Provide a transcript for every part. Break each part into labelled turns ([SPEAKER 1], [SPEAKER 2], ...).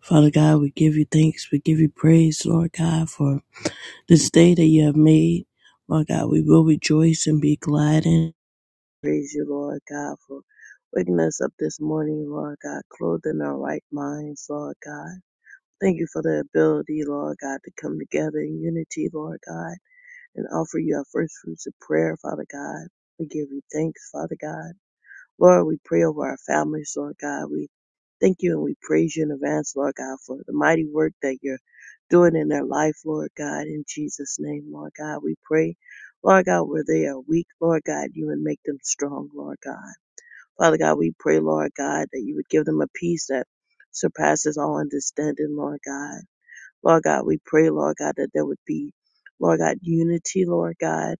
[SPEAKER 1] Father God, we give you thanks. We give you praise, Lord God, for this day that you have made. Lord God, we will rejoice and be glad in. Praise you, Lord God, for waking us up this morning, Lord God, clothed in our right minds, Lord God. Thank you for the ability, Lord God, to come together in unity, Lord God, and offer you our first fruits of prayer, Father God. We give you thanks, Father God. Lord, we pray over our families, Lord God. We thank you and we praise you in advance, Lord God, for the mighty work that you're doing in their life, Lord God, in Jesus' name, Lord God. We pray, Lord God, where they are weak, Lord God, you would make them strong, Lord God. Father God, we pray, Lord God, that you would give them a peace that surpasses all understanding, Lord God. Lord God, we pray, Lord God, that there would be, Lord God, unity, Lord God,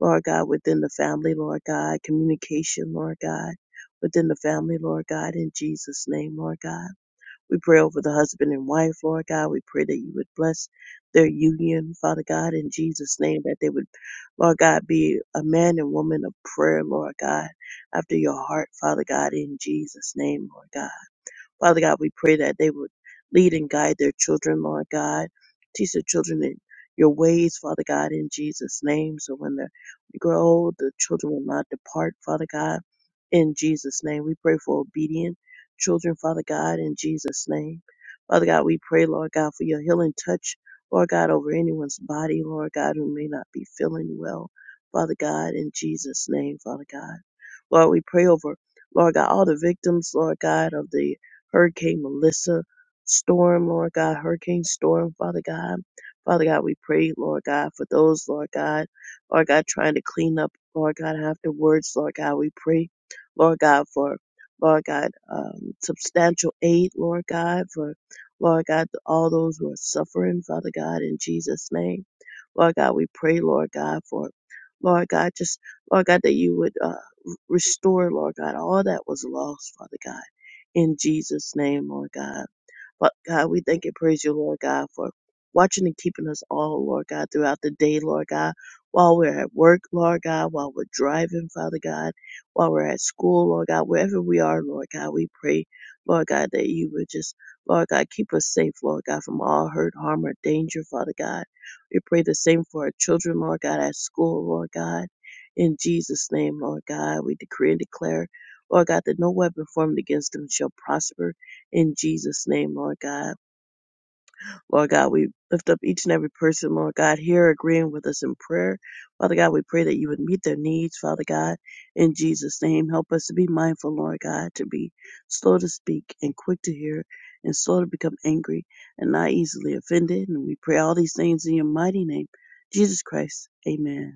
[SPEAKER 1] Lord God, within the family, Lord God, communication, Lord God, within the family, Lord God, in Jesus' name, Lord God. We pray over the husband and wife, Lord God. We pray that you would bless their union, Father God, in Jesus' name, that they would, Lord God, be a man and woman of prayer, Lord God, after your heart, Father God, in Jesus' name, Lord God. Father God, we pray that they would lead and guide their children, Lord God. Teach their children in your ways, Father God, in Jesus' name. So when they grow old, the children will not depart, Father God, in Jesus' name. We pray for obedient children, Father God, in Jesus' name. Father God, we pray, Lord God, for your healing touch, Lord God, over anyone's body, Lord God, who may not be feeling well, Father God, in Jesus' name, Father God. Lord, we pray over Lord God, all the victims, Lord God, of the Hurricane Melissa storm, Lord God, Hurricane storm, Father God. Father God, we pray, Lord God, for those, Lord God, Lord God, trying to clean up, Lord God, afterwards, Lord God, we pray, Lord God, for, Lord God, um, substantial aid, Lord God, for, Lord God, all those who are suffering, Father God, in Jesus' name. Lord God, we pray, Lord God, for, Lord God, just, Lord God, that you would, uh, restore, Lord God, all that was lost, Father God in Jesus' name, Lord God. But God, we thank and praise you, Lord God, for watching and keeping us all, Lord God, throughout the day, Lord God, while we're at work, Lord God, while we're driving, Father God, while we're at school, Lord God, wherever we are, Lord God, we pray, Lord God, that you would just, Lord God, keep us safe, Lord God, from all hurt, harm, or danger, Father God. We pray the same for our children, Lord God, at school, Lord God. In Jesus' name, Lord God, we decree and declare, Lord God, that no weapon formed against them shall prosper in Jesus' name, Lord God. Lord God, we lift up each and every person, Lord God, here agreeing with us in prayer. Father God, we pray that you would meet their needs, Father God, in Jesus' name. Help us to be mindful, Lord God, to be slow to speak and quick to hear and slow to become angry and not easily offended. And we pray all these things in your mighty name, Jesus Christ. Amen.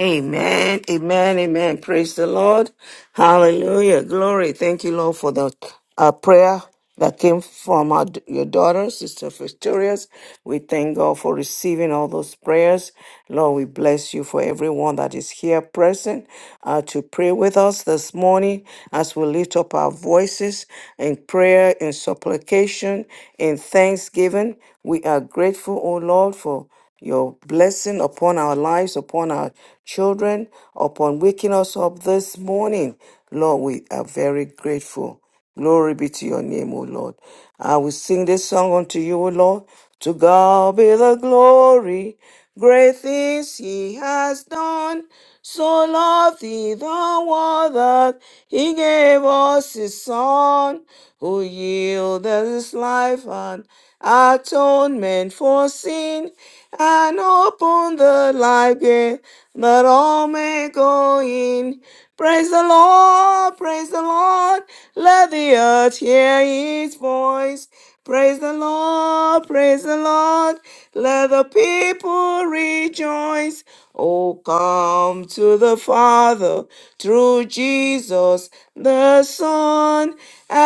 [SPEAKER 2] Amen, amen, amen. Praise the Lord. Hallelujah. Glory. Thank you, Lord, for the uh, prayer that came from our, your daughter, Sister Victorious. We thank God for receiving all those prayers. Lord, we bless you for everyone that is here present uh, to pray with us this morning as we lift up our voices in prayer, in supplication, in thanksgiving. We are grateful, O Lord, for your blessing upon our lives, upon our children, upon waking us up this morning. Lord, we are very grateful. Glory be to your name, O Lord. I will sing this song unto you, O Lord. To God be the glory. Great things he has done. So loved he the world that he gave us his son, who yielded his life and atonement for sin, and open the life gate that all may go in. Praise the Lord, praise the Lord, let the earth hear his voice. Praise the Lord, praise the Lord, let the people rejoice. Oh, come to the Father through Jesus the Son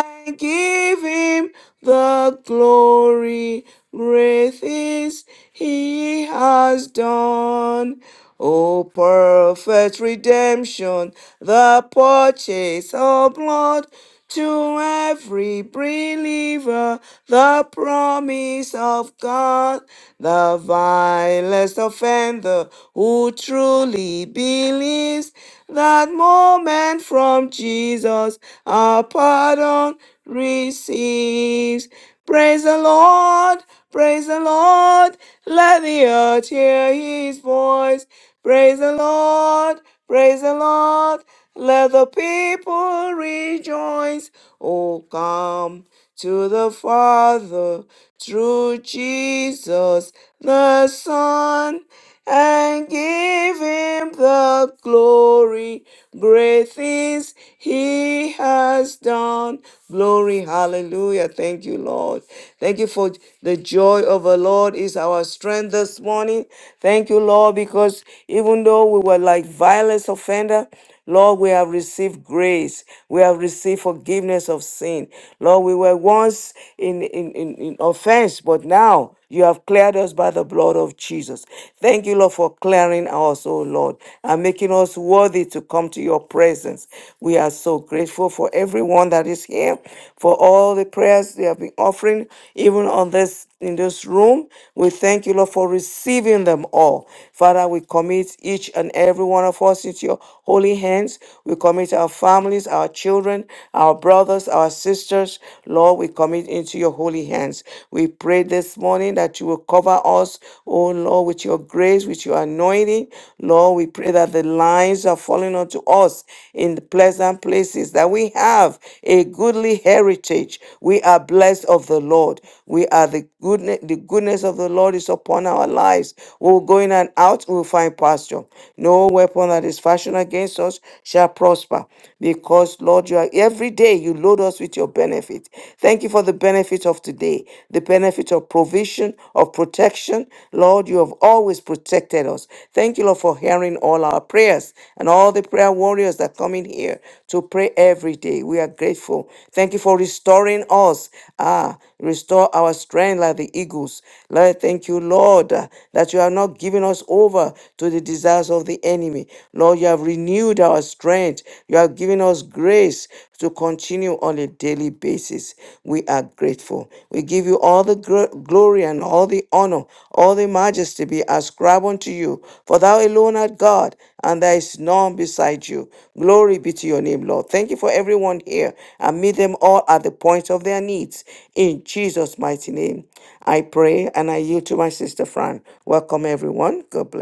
[SPEAKER 2] I give him the glory. Great things he has done. O perfect redemption, the purchase of blood to every believer, the promise of God, the vilest offender who truly believes that moment and from Jesus our pardon receives. Praise the Lord, praise the Lord, let the earth hear his voice. Praise the Lord, praise the Lord, let the people rejoice. Oh, come to the Father through Jesus the Son and give him the glory. Great things he has done. Glory, hallelujah. Thank you, Lord. Thank you for the joy of the Lord is our strength this morning. Thank you, Lord, because even though we were like violent offender, Lord, we have received grace. We have received forgiveness of sin. Lord, we were once in, in, in, in offense, but now you have cleared us by the blood of Jesus. Thank you, Lord, for clearing us, oh Lord, and making us worthy to come to your presence. We are so grateful for everyone that is here, for all the prayers they have been offering, even on this in this room. We thank you, Lord, for receiving them all. Father, we commit each and every one of us into your holy hands. We commit our families, our children, our brothers, our sisters. Lord, we commit into your holy hands. We pray this morning that you will cover us, oh Lord, with your grace, with your anointing. Lord, we pray that the lines are falling unto us in the pleasant places, that we have a goodly heritage. We are blessed of the Lord. We are the goodness, the goodness of the Lord is upon our lives. We'll go in and out, we'll find pasture. No weapon that is fashioned against us shall prosper. Because, Lord, you are every day you load us with your benefit. Thank you for the benefit of today, the benefit of provision, of protection. Lord, you have always protected us. Thank you, Lord, for hearing all our prayers and all the prayer warriors that come in here to pray every day. We are grateful. Thank you for restoring us. Ah, restore our strength like the eagles. Lord, thank you, Lord, uh, that you have not given us over to the desires of the enemy. Lord, you have renewed renewed our strength. You have given us grace to continue on a daily basis. We are grateful. We give you all the gr- glory and all the honor, all the majesty be ascribed unto you. For thou alone art God, and there is none beside you. Glory be to your name, Lord. Thank you for everyone here, and meet them all at the point of their needs. In Jesus' mighty name, I pray, and I yield to my sister Fran. Welcome, everyone. God bless.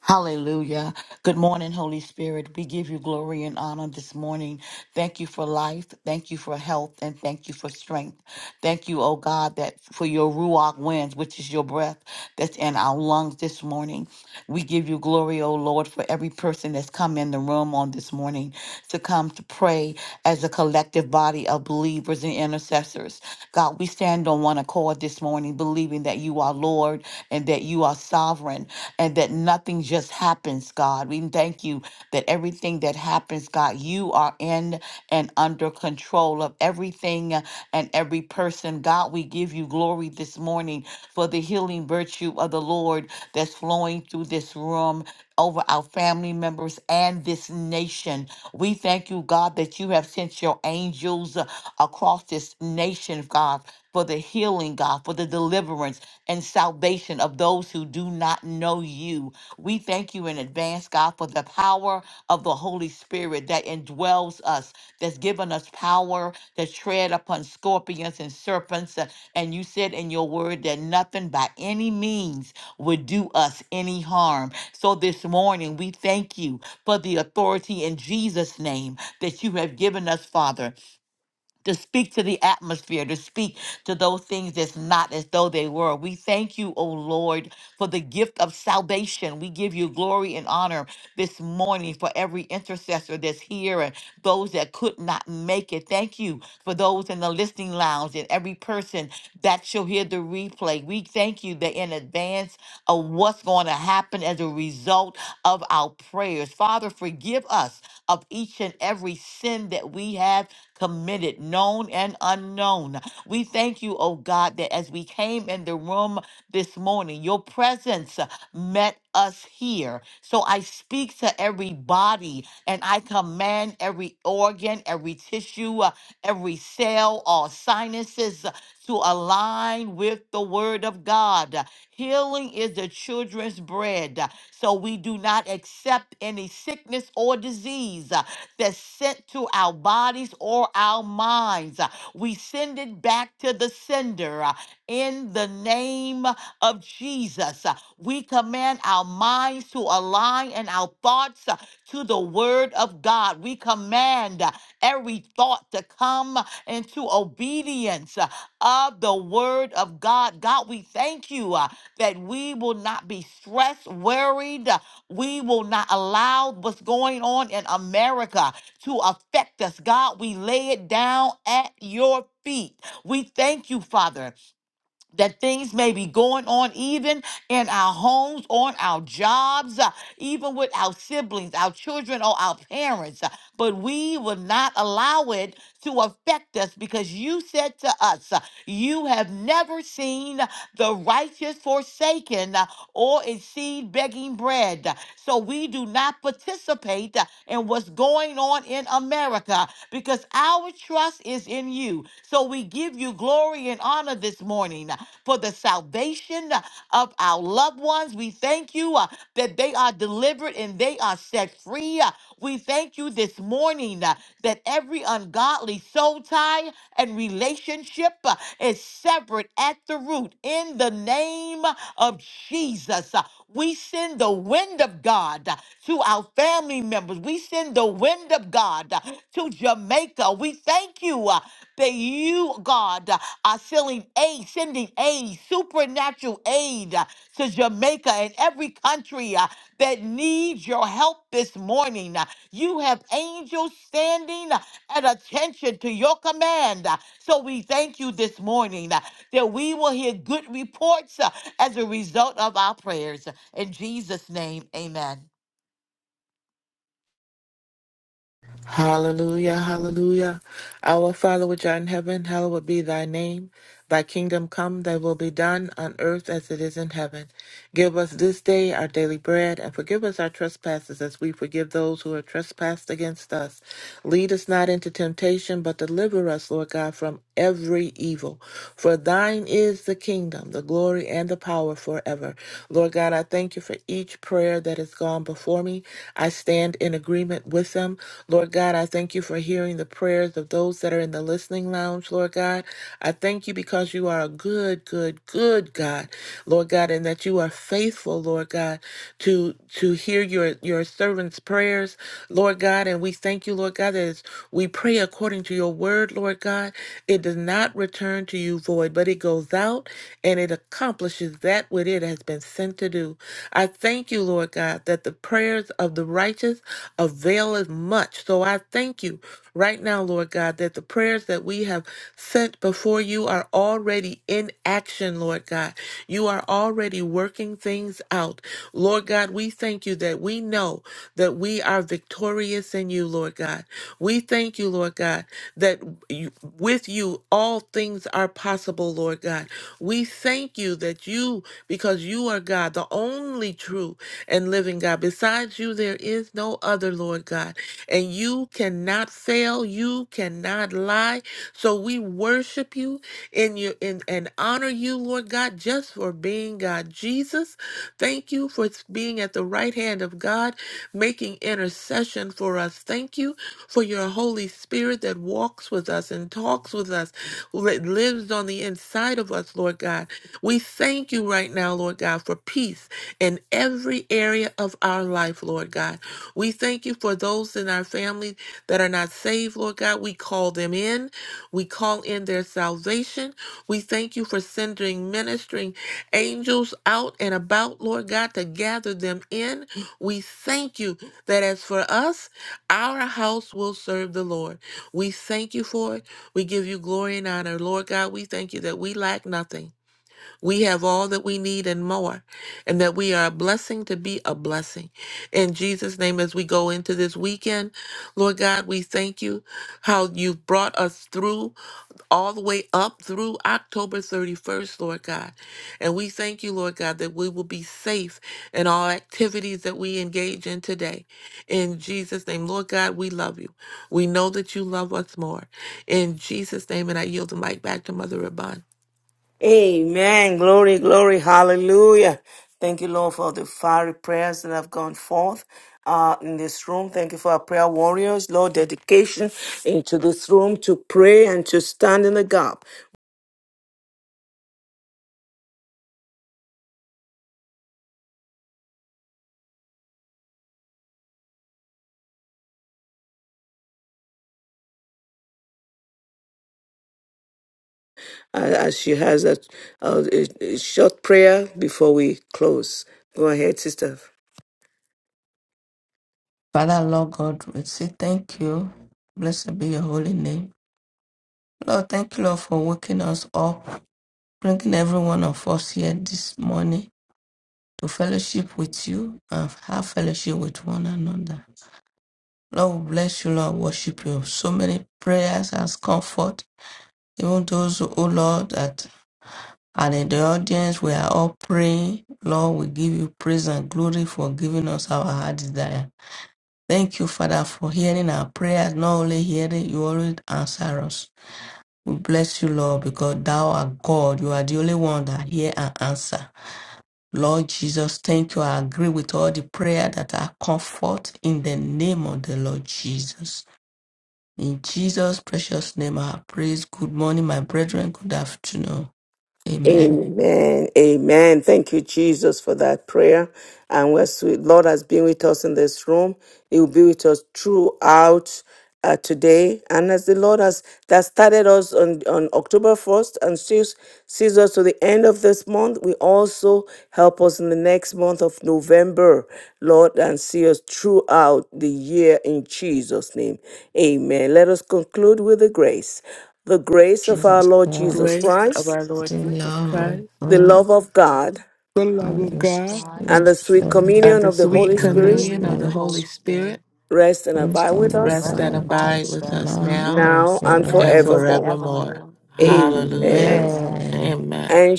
[SPEAKER 3] Hallelujah. Good morning, Holy Spirit. We give you glory and honor this morning. Thank you for life. Thank you for health and thank you for strength. Thank you, oh God, that for your ruach winds, which is your breath that's in our lungs this morning. We give you glory, oh Lord, for every person that's come in the room on this morning to come to pray as a collective body of believers and intercessors. God, we stand on one accord this morning, believing that you are Lord and that you are are sovereign and that nothing just happens, God. We thank you that everything that happens, God, you are in and under control of everything and every person. God, we give you glory this morning for the healing virtue of the Lord that's flowing through this room. Over our family members and this nation. We thank you, God, that you have sent your angels uh, across this nation, God, for the healing, God, for the deliverance and salvation of those who do not know you. We thank you in advance, God, for the power of the Holy Spirit that indwells us, that's given us power to tread upon scorpions and serpents. Uh, And you said in your word that nothing by any means would do us any harm. So this morning, we thank you for the authority in Jesus' name that you have given us, Father to speak to the atmosphere, to speak to those things that's not as though they were. We thank you, O Lord, for the gift of salvation. We give you glory and honor this morning for every intercessor that's here and those that could not make it. Thank you for those in the listening lounge and every person that shall hear the replay. We thank you that in advance of what's going to happen as a result of our prayers. Father, forgive us of each and every sin that we have committed, known and unknown. We thank you, oh God, that as we came in the room this morning, your presence uh, met us here. So I speak to every body and I command every organ, every tissue, uh, every cell or sinuses uh, to align with the word of God. Healing is the children's bread. So we do not accept any sickness or disease that's sent to our bodies or our minds. Uh, We send it back to the sender uh, in the name of Jesus. Uh, We command our minds to align and our thoughts uh, to the word of God. We command uh, every thought to come into obedience uh, of the word of God. God, we thank you uh, that we will not be stressed, worried. uh, we will not allow what's going on in America to affect us. God, we lay it down at your feet. We thank you, Father, that things may be going on even in our homes, on our jobs, uh, even with our siblings, our children, or our parents. uh, But we will not allow it to affect us because you said to us, uh, You have never seen the righteous forsaken uh, or is seed begging bread. So we do not participate uh, in what's going on in America because our trust is in you. So we give you glory and honor this morning uh, for the salvation uh, of our loved ones. We thank you uh, that they are delivered and they are set free. uh, we thank you this morning uh, that every ungodly soul tie and relationship uh, is severed at the root in the name of Jesus. Uh, We send the wind of God uh, to our family members. We send the wind of God uh, to Jamaica. We thank you uh, that you, God, uh, are sending aid, sending aid, supernatural aid uh, to Jamaica and every country. uh, that needs your help this morning. You have angels standing at attention to your command. So we thank you this morning that we will hear good reports uh, as a result of our prayers. In Jesus' name, amen.
[SPEAKER 4] Hallelujah, hallelujah. Our Father which art in heaven, hallowed be thy name. Thy kingdom come, thy will be done on earth as it is in heaven. Give us this day our daily bread, and forgive us our trespasses as we forgive those who have trespassed against us. Lead us not into temptation, but deliver us, Lord God, from every evil. For thine is the kingdom, the glory, and the power forever. Lord God, I thank you for each prayer that has gone before me. I stand in agreement with them. Lord God, I thank you for hearing the prayers of those that are in the listening lounge, Lord God. I thank you because you are you are a good, good, good God, Lord God, and that you are faithful, Lord God, to to hear your your servants' prayers, Lord God, and we thank you, Lord God, that as we pray according to your word, Lord God, it does not return to you void, but it goes out and it accomplishes that which it has been sent to do. I thank you, Lord God, that the prayers of the righteous availeth much. So I thank you right now, Lord God, that the prayers that we have sent before you are already in action, Lord God. You are already working things out. Lord God, we thank you that we know that we are victorious in you, Lord God. We thank you, Lord God, that you, with you all things are possible, Lord God. We thank you that you, because you are God, the only true and living God. Besides you, there is is no other, Lord God. And you cannot fail, you cannot lie. So we worship you in your in and honor you, Lord God, just for being God. Jesus, thank you for being at the right hand of God, making intercession for us. Thank you for your Holy Spirit that walks with us and talks with us, that lives on the inside of us, Lord God. We thank you right now, Lord God, for peace in every area of our life, Lord God. We thank you for those in our family that are not saved, Lord God. We call them in. We call in their salvation. We thank you for sending ministering angels out and about, Lord God, to gather them in. We thank you that as for us, our house will serve the Lord. We thank you for it. We give you glory and honor, Lord God. We thank you that we lack nothing. We have all that we need and more, and that we are a blessing to be a blessing. In Jesus' name, as we go into this weekend, Lord God, we thank you how you've brought us through all the way up through October 31st, Lord God. And we thank you, Lord God, that we will be safe in all activities that we engage in today. In Jesus' name, Lord God, we love you. We know that you love us more. In Jesus' name, and I yield the mic back to Mother Rabun.
[SPEAKER 2] Amen. Glory, glory. Hallelujah. Thank you, Lord, for the fiery prayers that have gone forth uh, in this room. Thank you for our prayer warriors, Lord, dedication into this room to pray and to stand in the gap. Uh, as she has a, a, a a short prayer before we close. Go ahead, sister.
[SPEAKER 5] Father, Lord God, we say thank you. Blessed be your holy name. Lord, thank you, Lord, for waking us up, bringing every one of us here this morning to fellowship with you and have fellowship with one another. Lord, we bless you, Lord, worship you. So many prayers as comfort. Even those, oh Lord, that are in the audience, we are all praying. Lord, we give you praise and glory for giving us our heart desire. Thank you, Father, for hearing our prayers. Not only hearing, you always answer us. We bless you, Lord, because thou art God. You are the only one that hear and answer. Lord Jesus, thank you. I agree with all the prayer that are comfort in the name of the Lord Jesus. In Jesus' precious name, I praise. Good morning, my brethren. Good afternoon. Amen.
[SPEAKER 2] Amen. Amen. Thank you, Jesus, for that prayer. And where sweet Lord has been with us in this room, He will be with us throughout uh, today. And as the Lord has that started us on, on October 1st and still sees us to the end of this month, we also help us in the next month of November, Lord, and see us throughout the year in Jesus' name. Amen. Let us conclude with the grace. The grace of our
[SPEAKER 5] Jesus
[SPEAKER 2] Lord Jesus
[SPEAKER 5] Christ,
[SPEAKER 4] grace of
[SPEAKER 2] Christ
[SPEAKER 4] our Lord
[SPEAKER 5] the
[SPEAKER 4] Jesus
[SPEAKER 5] love of
[SPEAKER 4] Christ,
[SPEAKER 2] the
[SPEAKER 5] God,
[SPEAKER 2] love of God,
[SPEAKER 4] the love of
[SPEAKER 5] and the
[SPEAKER 4] God,
[SPEAKER 3] God,
[SPEAKER 2] and the
[SPEAKER 5] strength
[SPEAKER 2] sweet
[SPEAKER 5] of
[SPEAKER 4] and
[SPEAKER 2] communion
[SPEAKER 4] the
[SPEAKER 2] of the
[SPEAKER 5] the
[SPEAKER 4] sweet
[SPEAKER 2] Holy
[SPEAKER 3] sweet
[SPEAKER 5] Holy
[SPEAKER 2] Spirit
[SPEAKER 4] communion
[SPEAKER 3] communion
[SPEAKER 4] of
[SPEAKER 3] of the
[SPEAKER 4] the
[SPEAKER 5] Spirit.
[SPEAKER 4] Holy
[SPEAKER 3] Holy
[SPEAKER 4] Spirit
[SPEAKER 3] Spirit,
[SPEAKER 2] rest and abide
[SPEAKER 5] wisdom
[SPEAKER 2] with
[SPEAKER 5] and
[SPEAKER 2] us
[SPEAKER 4] rest
[SPEAKER 3] rest
[SPEAKER 4] and
[SPEAKER 3] and abide
[SPEAKER 4] abide
[SPEAKER 5] politics,
[SPEAKER 3] with
[SPEAKER 4] with us
[SPEAKER 3] us
[SPEAKER 5] now
[SPEAKER 4] now
[SPEAKER 5] and
[SPEAKER 2] now and
[SPEAKER 4] and
[SPEAKER 3] now
[SPEAKER 5] forevermore.
[SPEAKER 3] and
[SPEAKER 2] forevermore.
[SPEAKER 4] forevermore.
[SPEAKER 3] forevermore.
[SPEAKER 4] Hallelujah.
[SPEAKER 2] Amen.
[SPEAKER 3] Amen.
[SPEAKER 5] Amen.
[SPEAKER 4] Amen.
[SPEAKER 2] And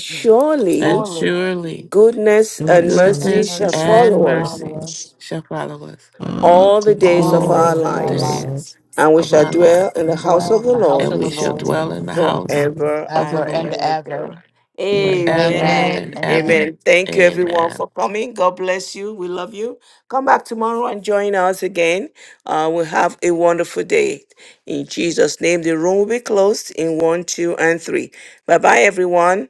[SPEAKER 4] And
[SPEAKER 2] surely
[SPEAKER 3] Surely,
[SPEAKER 4] surely
[SPEAKER 2] goodness and
[SPEAKER 5] Goodness
[SPEAKER 3] goodness
[SPEAKER 5] and
[SPEAKER 2] mercy
[SPEAKER 3] and
[SPEAKER 4] goodness
[SPEAKER 5] mercy
[SPEAKER 2] shall
[SPEAKER 3] mercy
[SPEAKER 5] shall
[SPEAKER 4] and
[SPEAKER 3] shall
[SPEAKER 2] follow
[SPEAKER 5] follow
[SPEAKER 2] us
[SPEAKER 4] mercy
[SPEAKER 3] follow
[SPEAKER 5] us
[SPEAKER 3] us
[SPEAKER 4] shall follow us
[SPEAKER 5] all
[SPEAKER 2] all the
[SPEAKER 5] the
[SPEAKER 2] days
[SPEAKER 3] all the
[SPEAKER 2] of our
[SPEAKER 3] days
[SPEAKER 4] all
[SPEAKER 5] days
[SPEAKER 3] of
[SPEAKER 4] the
[SPEAKER 5] of
[SPEAKER 3] our
[SPEAKER 5] our
[SPEAKER 2] lives,
[SPEAKER 3] lives.
[SPEAKER 4] days
[SPEAKER 5] lives,
[SPEAKER 2] and we
[SPEAKER 4] of
[SPEAKER 2] shall
[SPEAKER 4] our life,
[SPEAKER 2] dwell in the
[SPEAKER 5] and we
[SPEAKER 2] house
[SPEAKER 5] will
[SPEAKER 3] dwell
[SPEAKER 2] of
[SPEAKER 5] be
[SPEAKER 3] in
[SPEAKER 2] the
[SPEAKER 3] the
[SPEAKER 5] in
[SPEAKER 2] Lord
[SPEAKER 3] house
[SPEAKER 4] and
[SPEAKER 3] of
[SPEAKER 5] the
[SPEAKER 3] the
[SPEAKER 4] we
[SPEAKER 5] house
[SPEAKER 4] shall
[SPEAKER 5] of
[SPEAKER 3] Lord
[SPEAKER 5] the
[SPEAKER 4] dwell in
[SPEAKER 5] Lord
[SPEAKER 4] the house
[SPEAKER 5] forever.
[SPEAKER 2] forever
[SPEAKER 4] of the
[SPEAKER 2] and
[SPEAKER 3] ever and
[SPEAKER 4] Lord
[SPEAKER 2] ever.
[SPEAKER 3] ever.
[SPEAKER 4] forever
[SPEAKER 3] Amen.
[SPEAKER 4] and
[SPEAKER 2] Amen.
[SPEAKER 5] Amen.
[SPEAKER 3] Amen.
[SPEAKER 4] ever.
[SPEAKER 2] Amen. Thank you, everyone,
[SPEAKER 4] Amen.
[SPEAKER 2] for coming. God bless you. We love you. Come back tomorrow and join us again. Uh, we'll have a wonderful day. In Jesus' name, the room will be closed in one, two, and three. Bye bye, everyone.